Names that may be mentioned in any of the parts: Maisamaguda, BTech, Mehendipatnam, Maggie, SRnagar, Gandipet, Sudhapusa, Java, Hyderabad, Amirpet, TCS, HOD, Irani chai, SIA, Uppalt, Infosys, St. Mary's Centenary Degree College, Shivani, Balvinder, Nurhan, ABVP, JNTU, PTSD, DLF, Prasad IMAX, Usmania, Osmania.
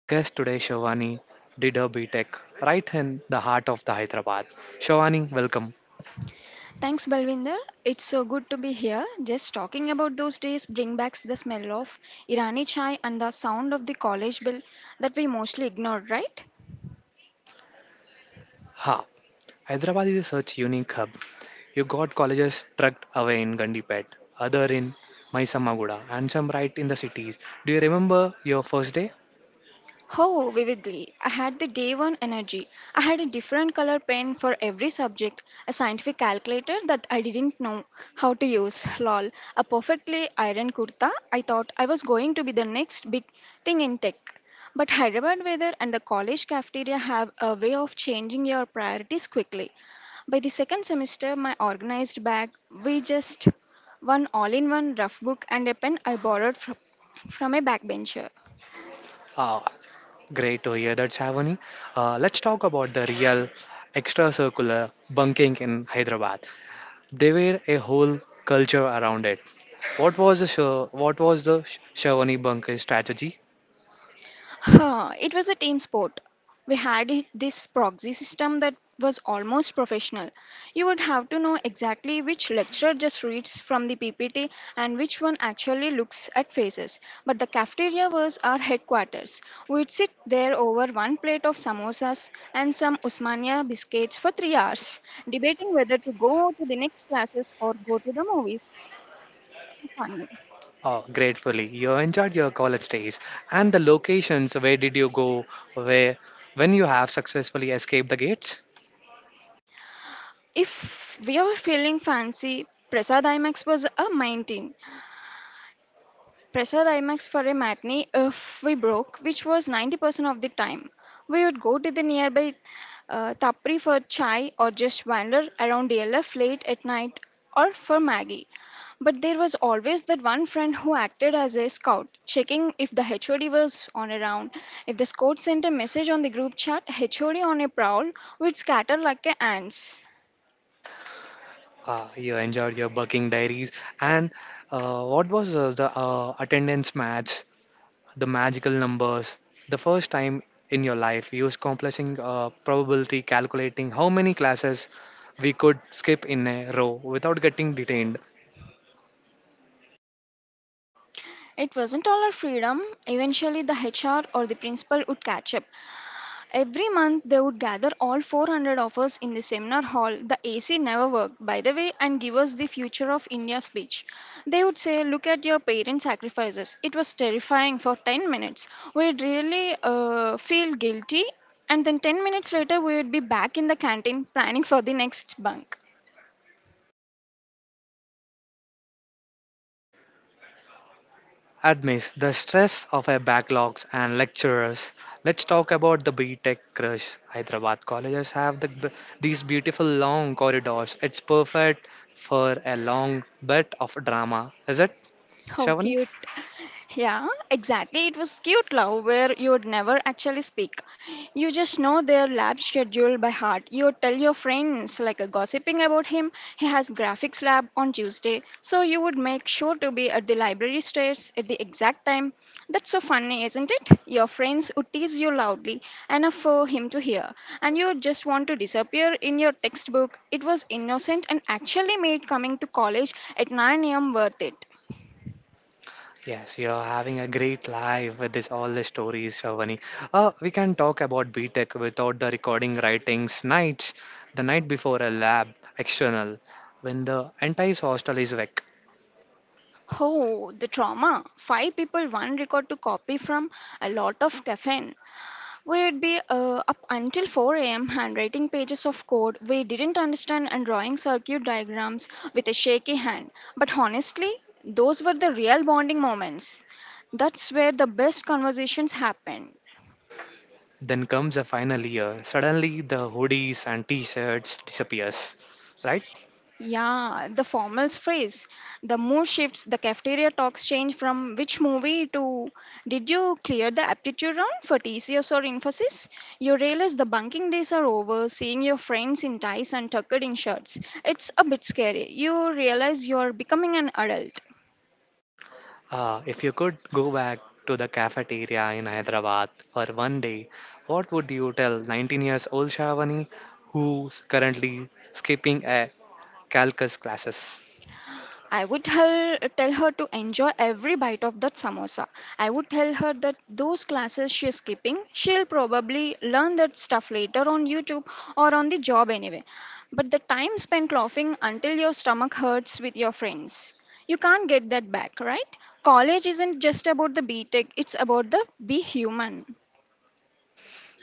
My guest today, Shivani, did her BTech right in the heart of the Hyderabad. Shivani, welcome. Thanks, Balvinder. It's so good to be here. Just talking about those days bring back the smell of Irani chai and the sound of the college bell that we mostly ignored, right? Ha! Hyderabad is such unique hub. You got colleges tucked away in Gandipet, other in Maisamaguda, and some right in the cities. Do you remember your first day? Oh, vividly. I had the day one energy. I had a different color pen for every subject, a scientific calculator that I didn't know how to use, lol, a perfectly ironed kurta. I thought I was going to be the next big thing in tech. But Hyderabad weather and the college cafeteria have a way of changing your priorities quickly. By the second semester, my organized bag, we just one all in one rough book and a pen I borrowed from a backbencher. Ah, great to hear that, Shavani. Let's talk about the real extracurricular bunking in Hyderabad. There were a whole culture around it. What was the Shavani bunking strategy? Huh, it was a team sport. We had this proxy system that was almost professional. You would have to know exactly which lecturer just reads from the PPT and which one actually looks at faces. But the cafeteria was our headquarters. We'd sit there over one plate of samosas and some Usmania biscuits for 3 hours, debating whether to go to the next classes or go to the movies. So funny. Oh, gratefully, you enjoyed your college days and the locations. Where did you go? Where when you have successfully escaped the gates? If we were feeling fancy, Prasad IMAX was a 19. Prasad IMAX for a matinee if we broke, which was 90% of the time. We would go to the nearby Tapri for chai or just wander around DLF late at night or for Maggie. But there was always that one friend who acted as a scout, checking if the HOD was on a round. If the scout sent a message on the group chat, HOD on a prowl, we'd scatter like a ants. You enjoyed your bunking diaries and what was the attendance match? The magical numbers. The first time in your life, use complexing probability calculating how many classes we could skip in a row without getting detained. It wasn't all our freedom. Eventually, the HR or the principal would catch up. Every month they would gather all 400 of us in the seminar hall. The AC never worked, by the way, and give us the future of India speech. They would say, "Look at your parents' sacrifices." It was terrifying for 10 minutes. We'd really feel guilty, and then 10 minutes later, we would be back in the canteen planning for the next bunk. Admits the stress of our backlogs and lecturers. Let's talk about the BTech crush. Hyderabad colleges have these beautiful long corridors. It's perfect for a long bit of drama, is it, How Shavani? cute. Yeah, exactly. It was cute love where you would never actually speak. You just know their lab schedule by heart. You would tell your friends, like gossiping about him, he has graphics lab on Tuesday. So you would make sure to be at the library stairs at the exact time. That's so funny, isn't it? Your friends would tease you loudly enough for him to hear. And you would just want to disappear in your textbook. It was innocent and actually made coming to college at 9 a.m. worth it. Yes, you're having a great life with this all the stories, Shavani. We can talk about B Tech without the recording writings nights, the night before a lab external, when the entire hostel is wreck. Oh, the trauma. Five people, one record to copy from a lot of caffeine. We'd be up until 4 a.m. handwriting pages of code we didn't understand and drawing circuit diagrams with a shaky hand. But honestly, those were the real bonding moments. That's where the best conversations happen. Then comes the final year. Suddenly, the hoodies and t-shirts disappears, right? Yeah, the formals phrase. The mood shifts, the cafeteria talks change from which movie to did you clear the aptitude round for TCS or Infosys? You realize the bunking days are over, seeing your friends in ties and tucked in shirts. It's a bit scary. You realize you're becoming an adult. If you could go back to the cafeteria in Hyderabad for one day, what would you tell 19 years old Shavani who's currently skipping a calculus classes? I would tell her to enjoy every bite of that samosa. I would tell her that those classes she's skipping, she'll probably learn that stuff later on YouTube or on the job anyway. But the time spent laughing until your stomach hurts with your friends, you can't get that back, right? College isn't just about the BTEC, it's about the be human.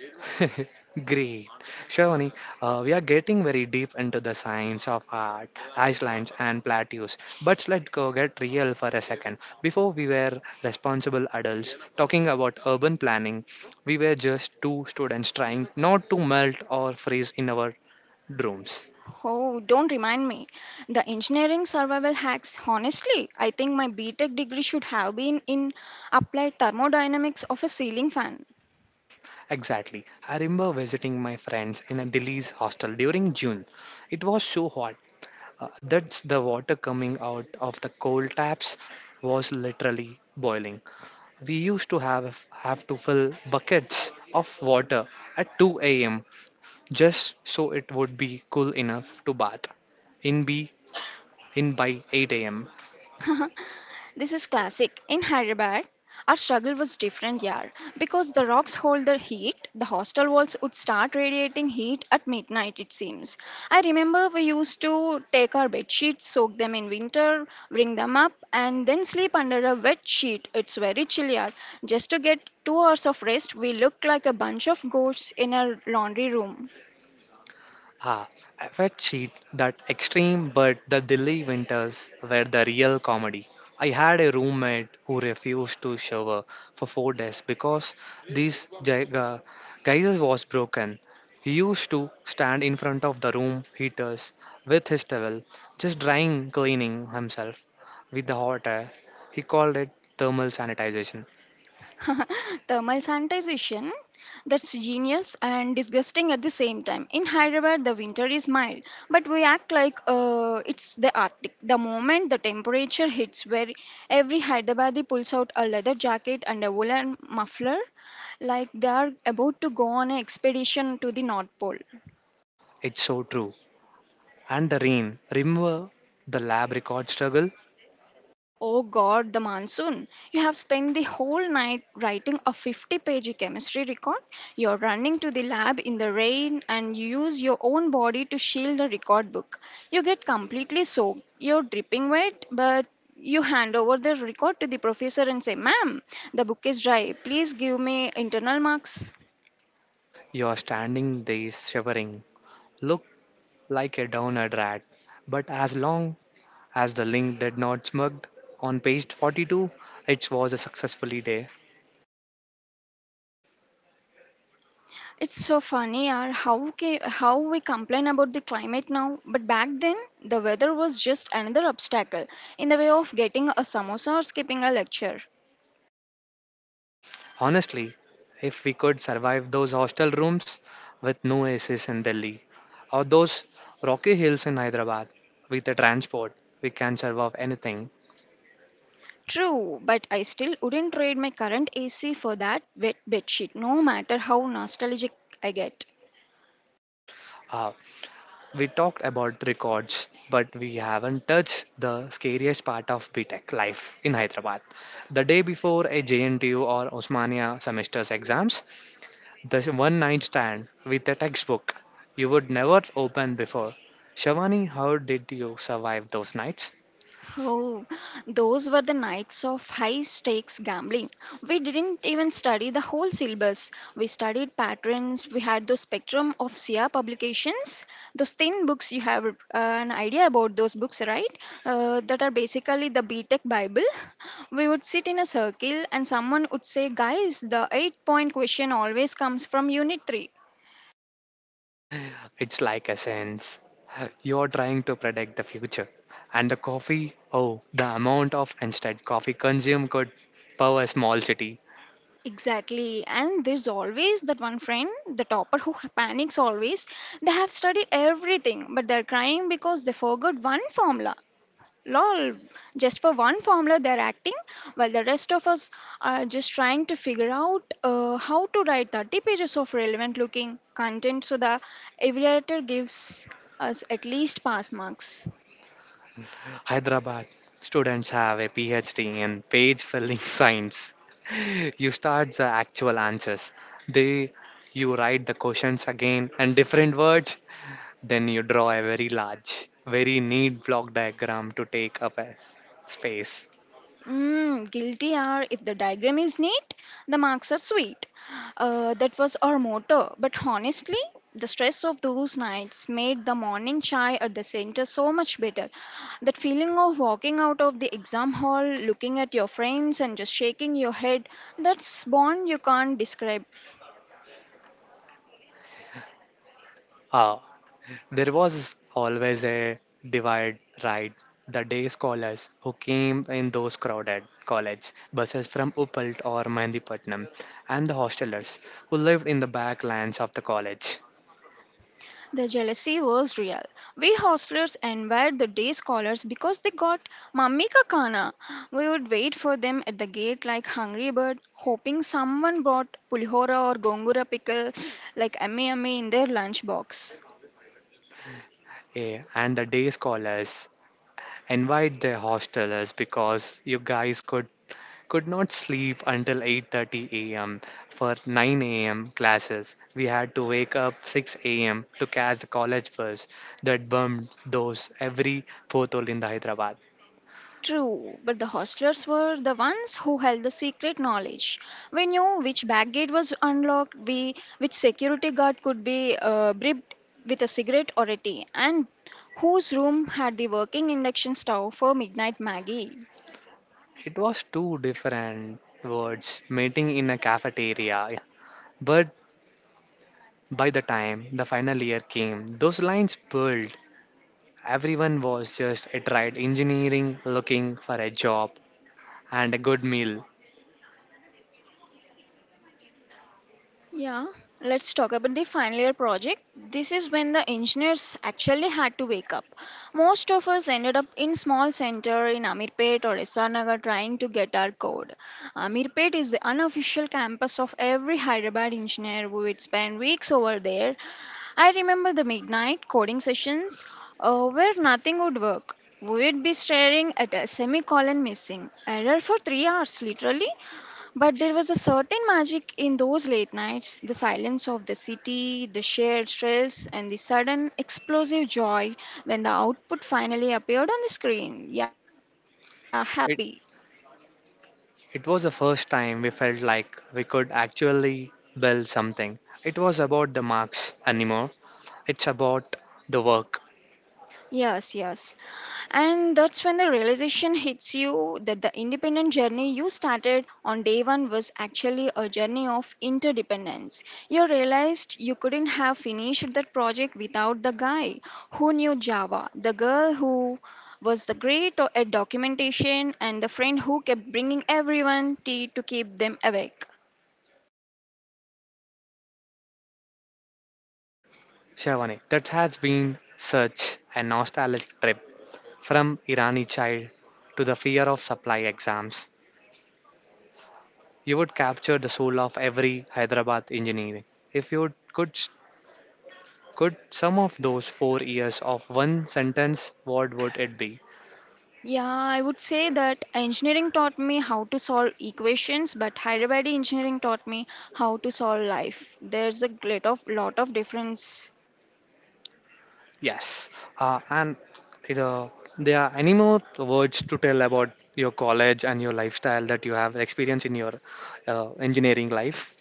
Great. Shavani, we are getting very deep into the science of art, Iceland and plateaus. But let's go get real for a second. Before we were responsible adults talking about urban planning, we were just two students trying not to melt or freeze in our Drones. Oh, don't remind me. The engineering survival hacks, honestly, I think my BTech degree should have been in applied thermodynamics of a ceiling fan. Exactly. I remember visiting my friends in a Delhi's hostel during June. It was so hot that the water coming out of the coal taps was literally boiling. We used to have to fill buckets of water at 2 a.m. just so it would be cool enough to bath in be in by 8 a.m. This is classic. In Hyderabad, our struggle was different, yeah. Because the rocks hold the heat, the hostel walls would start radiating heat at midnight, it seems. I remember we used to take our bed sheets, soak them in winter, bring them up, and then sleep under a wet sheet. It's very chilly, yeah. Just to get 2 hours of rest, we looked like a bunch of ghosts in a laundry room. Ah, I wet sheet that extreme, but the Delhi winters were the real comedy. I had a roommate who refused to shower for 4 days because this geyser was broken. He used to stand in front of the room heaters with his towel, just drying cleaning himself with the hot air. He called it thermal sanitization. Thermal sanitization. That's genius and disgusting at the same time. In Hyderabad, the winter is mild, but we act like it's the Arctic. The moment the temperature hits where every Hyderabadi pulls out a leather jacket and a woolen muffler, like they are about to go on an expedition to the North Pole. It's so true. And the rain. Remember the lab record struggle? Oh God, the monsoon. You have spent the whole night writing a 50-page chemistry record. You're running to the lab in the rain and you use your own body to shield the record book. You get completely soaked. You're dripping wet, but you hand over the record to the professor and say, "Ma'am, the book is dry. Please give me internal marks." You are standing there shivering looked like a downed rat, but as long as the link did not smug on page 42, it was a successful day. It's so funny yaar, how how we complain about the climate now, but back then the weather was just another obstacle in the way of getting a samosa or skipping a lecture. Honestly, if we could survive those hostel rooms with no ACs in Delhi, or those rocky hills in Hyderabad with the transport, we can survive anything. True, but I still wouldn't trade my current AC for that wet bedsheet, no matter how nostalgic I get. Uh, we talked about records, but we haven't touched the scariest part of B Tech life in Hyderabad. The day before a JNTU or Osmania semester's exams, the one night stand with a textbook you would never open before. Shavani, how did you survive those nights? Oh, those were the nights of high stakes gambling. We didn't even study the whole syllabus. We studied patterns. We had the spectrum of SIA publications. Those thin books, you have an idea about those books, right? That are basically the BTEC Bible. We would sit in a circle and someone would say, "Guys, the 8 point question always comes from Unit 3." It's like a sense. You're trying to predict the future. And the coffee, oh, the amount of instant coffee consumed could power a small city. Exactly. And there's always that one friend, the topper who panics always. They have studied everything, but they're crying because they forgot one formula. Lol, just for one formula they're acting, while the rest of us are just trying to figure out how to write 30 pages of relevant looking content so the evaluator gives us at least pass marks. Hyderabad students have a PhD in page filling science. You start the actual answers. They you write the questions again and different words. Then you draw a very large, very neat block diagram to take up a space. Mm, guilty are if the diagram is neat, the marks are sweet. That was our motto. But honestly, the stress of those nights made the morning chai at the center so much better. That feeling of walking out of the exam hall, looking at your friends, and just shaking your head that's bond you can't describe. Ah. There was always a divide, right? The day scholars who came in those crowded college buses from Uppalt or Mehendipatnam, and the hostelers who lived in the backlands of the college. The jealousy was real. We hostlers envied the day scholars because they got mummy ka khana. We would wait for them at the gate like hungry bird, hoping someone brought pulihora or gongura pickle like ame ame in their lunch box. Eh, and the day scholars invite their hostelers because you guys could not sleep until 8:30 a.m. for 9 a.m. classes. We had to wake up 6 a.m. to catch the college bus that bumped those every fourth hole in the Hyderabad. True, but the hostlers were the ones who held the secret knowledge. We knew which back gate was unlocked, we, which security guard could be bribed with a cigarette or a tea, and whose room had the working induction stove for midnight Maggie. It was two different words meeting in a cafeteria. But by the time the final year came, those lines pulled. Everyone was just a tried engineering looking for a job and a good meal. Yeah, let's talk about the final year project. This is when the engineers actually had to wake up. Most of us ended up in small center in Amirpet or SRnagar trying to get our code. Amirpet is the unofficial campus of every Hyderabad engineer who would spend weeks over there. I remember the midnight coding sessions where nothing would work. We would be staring at a semicolon missing error for 3 hours, literally. But there was a certain magic in those late nights the silence of the city, the shared stress, and the sudden explosive joy when the output finally appeared on the screen. Yeah, happy. It was the first time we felt like we could actually build something. It was about the marks anymore. It's about the work. Yes, yes. And that's when the realization hits you that the independent journey you started on day one was actually a journey of interdependence. You realized you couldn't have finished that project without the guy who knew Java, the girl who was the great at documentation, and the friend who kept bringing everyone tea to keep them awake. Shavani, that has been such a nostalgic trip from Irani child to the fear of supply exams. You would capture the soul of every Hyderabad engineering. If you could sum of those 4 years of one sentence, what would it be? Yeah, I would say that engineering taught me how to solve equations, but Hyderabad engineering taught me how to solve life. There's a lot of difference. Yes, and it, there are any more words to tell about your college and your lifestyle that you have experienced in your engineering life?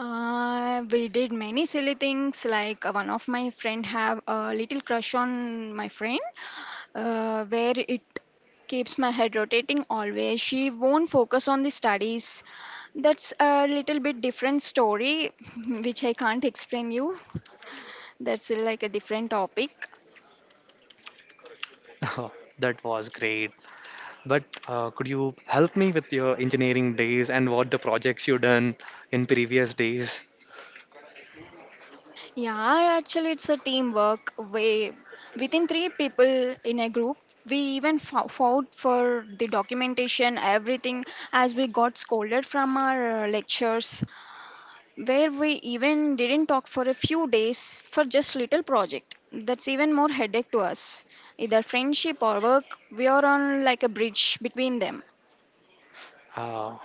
We did many silly things. Like one of my friend have a little crush on my friend, where it keeps my head rotating always. She won't focus on the studies. That's a little bit different story, which I can't explain you. That's like a different topic. That was great. But could you help me with your engineering days and what the projects you done in previous days? Yeah, actually, it's a teamwork way. Within 3 people in a group, we even fought for the documentation, everything, as we got scolded from our lectures, where we even didn't talk for a few days for just little project. That's even more headache to us. Either friendship or work, we are on like a bridge between them. Uh,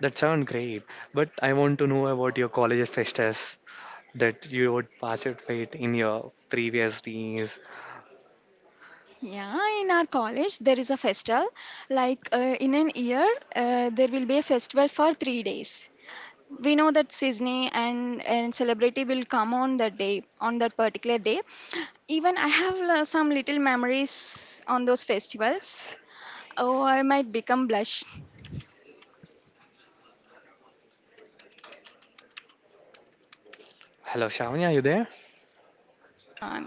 that sound great. But I want to know about your college fest that you would participate in your previous days. Yeah, in our college there is a festival. Like in an year, there will be a festival for 3 days. We know that Sydney and celebrity will come on that day on that particular day. Even I have some little memories on those festivals. Oh, I might become blush. Hello, Shavani, are you there? Yeah,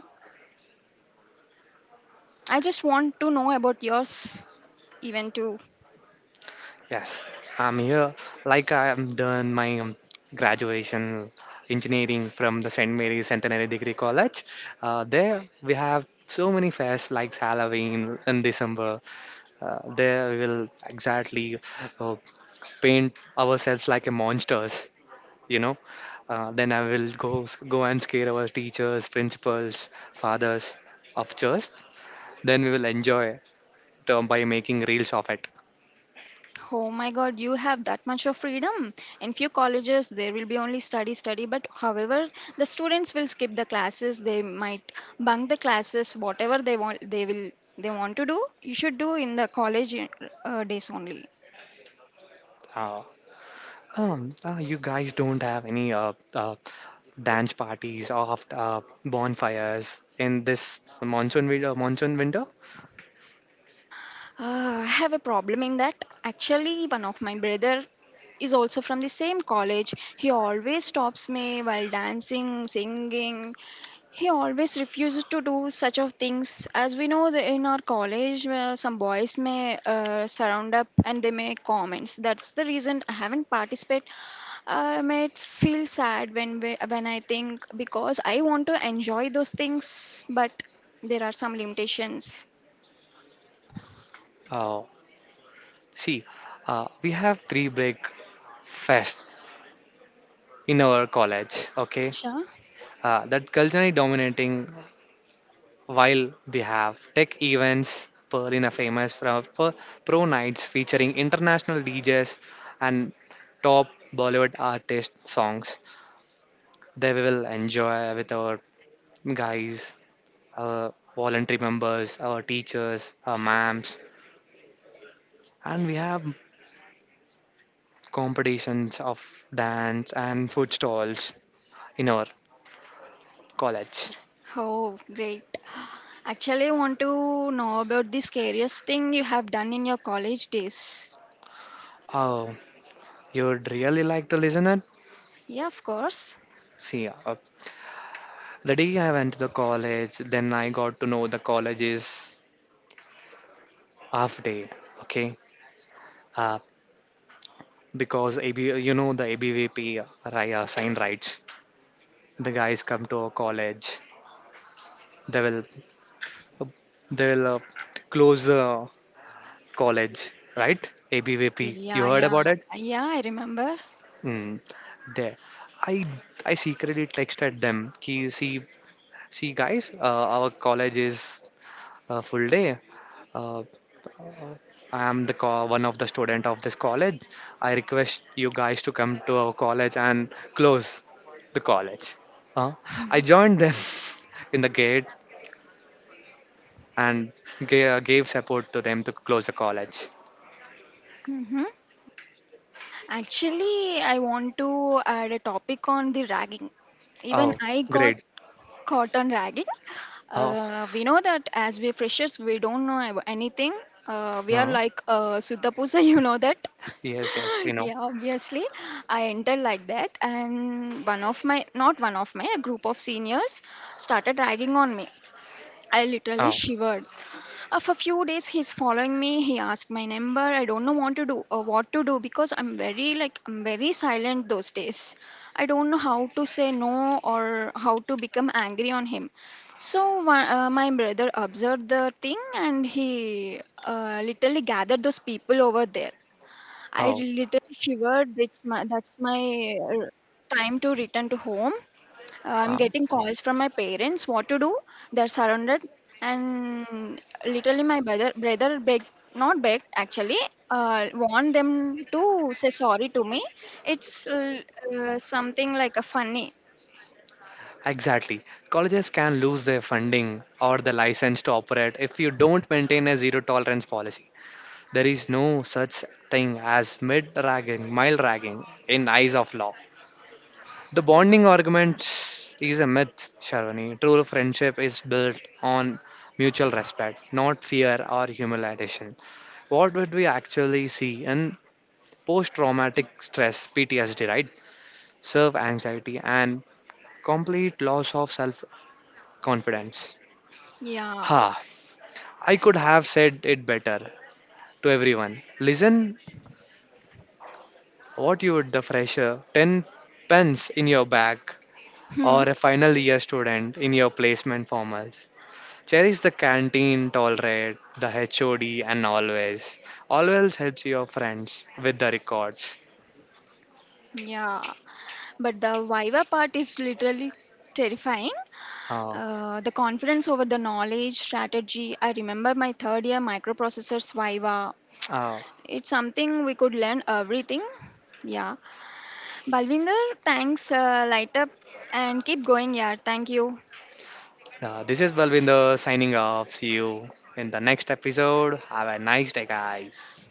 I just want to know about yours, even too. Yes, I'm here. Like I am done my graduation engineering from the St. Mary's Centenary Degree College. There we have so many fairs like Halloween in December. There we will exactly uh, paint ourselves like a monsters, you know. Then I will go and scare our teachers, principals, fathers of church. Then we will enjoy it, by making reels of it. Oh my god, you have that much of freedom. In few colleges, there will be only study, study, but however, the students will skip the classes, they might bunk the classes, whatever they want, they will, they want to do, you should do in the college days only. Uh, you guys don't have any dance parties or bonfires in this monsoon winter. Monsoon winter. I have a problem in that. Actually, one of my brother is also from the same college. He always stops me while dancing, singing. He always refuses to do such of things. As we know, that in our college, some boys may surround up and they make comments. That's the reason I haven't participated. I might feel sad when we, when I think because I want to enjoy those things, but there are some limitations. Uh, see, we have three break fest in our college. Okay, Acha. That culturally dominating while they have tech events. Pearl in a famous for pro nights featuring international DJs and top Bollywood artist songs. They will enjoy with our guys our voluntary members, our teachers, our ma'ams, and we have competitions of dance and food stalls in our college. Oh, great. Actually, I want to know about the scariest thing you have done in your college days. Oh, you'd really like to listen it? Yeah, of course. See, the day I went to the college, then I got to know the college is half day, okay? Uh, because you know the ABVP sign rights. The guys come to our college. They will, uh, they will close the college, right? ABVP. You Yeah, heard yeah, about it? yeah, I remember. Mm. There. I I secretly texted them. Ki, see, see, guys, our college is full day. Uh, I am the one of the student of this college. I request you guys to come to our college and close the college. Uh, I joined them in the gate and gave support to them to close the college. Hmm. Actually, I want to add a topic on the ragging. Even Oh, I got great. caught on ragging. Oh, We know that as we freshers, we don't know anything. We are uh, like Sudhapusa, you know that. yes, yes, you know. Yeah, obviously. I entered like that, and not one of my, a group of seniors started ragging on me. I literally Oh, shivered. For a few days, he's following me. He asked my number. I don't know what to do or what to do because I'm very I'm very silent those days. I don't know how to say no or how to become angry on him. So my brother observed the thing and he literally gathered those people over there. I oh, literally shivered. That's my uh, time to return to home. I'm um, getting calls from my parents what to do. They're surrounded, and literally my brother begged not begged actually warned them to say sorry to me. It's something like a funny. exactly. Colleges can lose their funding or the license to operate if you don't maintain a zero tolerance policy. There is no such thing as mid ragging, mild ragging in eyes of law. The bonding Mm, argument is a myth, Sharwani. True friendship is built on mutual respect, not fear or humiliation. What would we actually see in post traumatic stress, PTSD, right? Serve anxiety and complete loss of self confidence. yeah. Ha, I could have said it better to everyone. Listen, what you would the fresher, 10 pence in your bag, Hmm. or a final year student in your placement formals. Cherish the canteen, tolerate the HOD, and always. Always helps your friends with the records. Yeah. But the Viva part is literally terrifying. Uh, The confidence over the knowledge strategy. I remember my third year microprocessors Viva. uh, It's something we could learn everything. Yeah, Balvinder, thanks. Light up and keep going, yeah. Thank you. this is Balvinder signing off. See you in the next episode. Have a nice day, guys.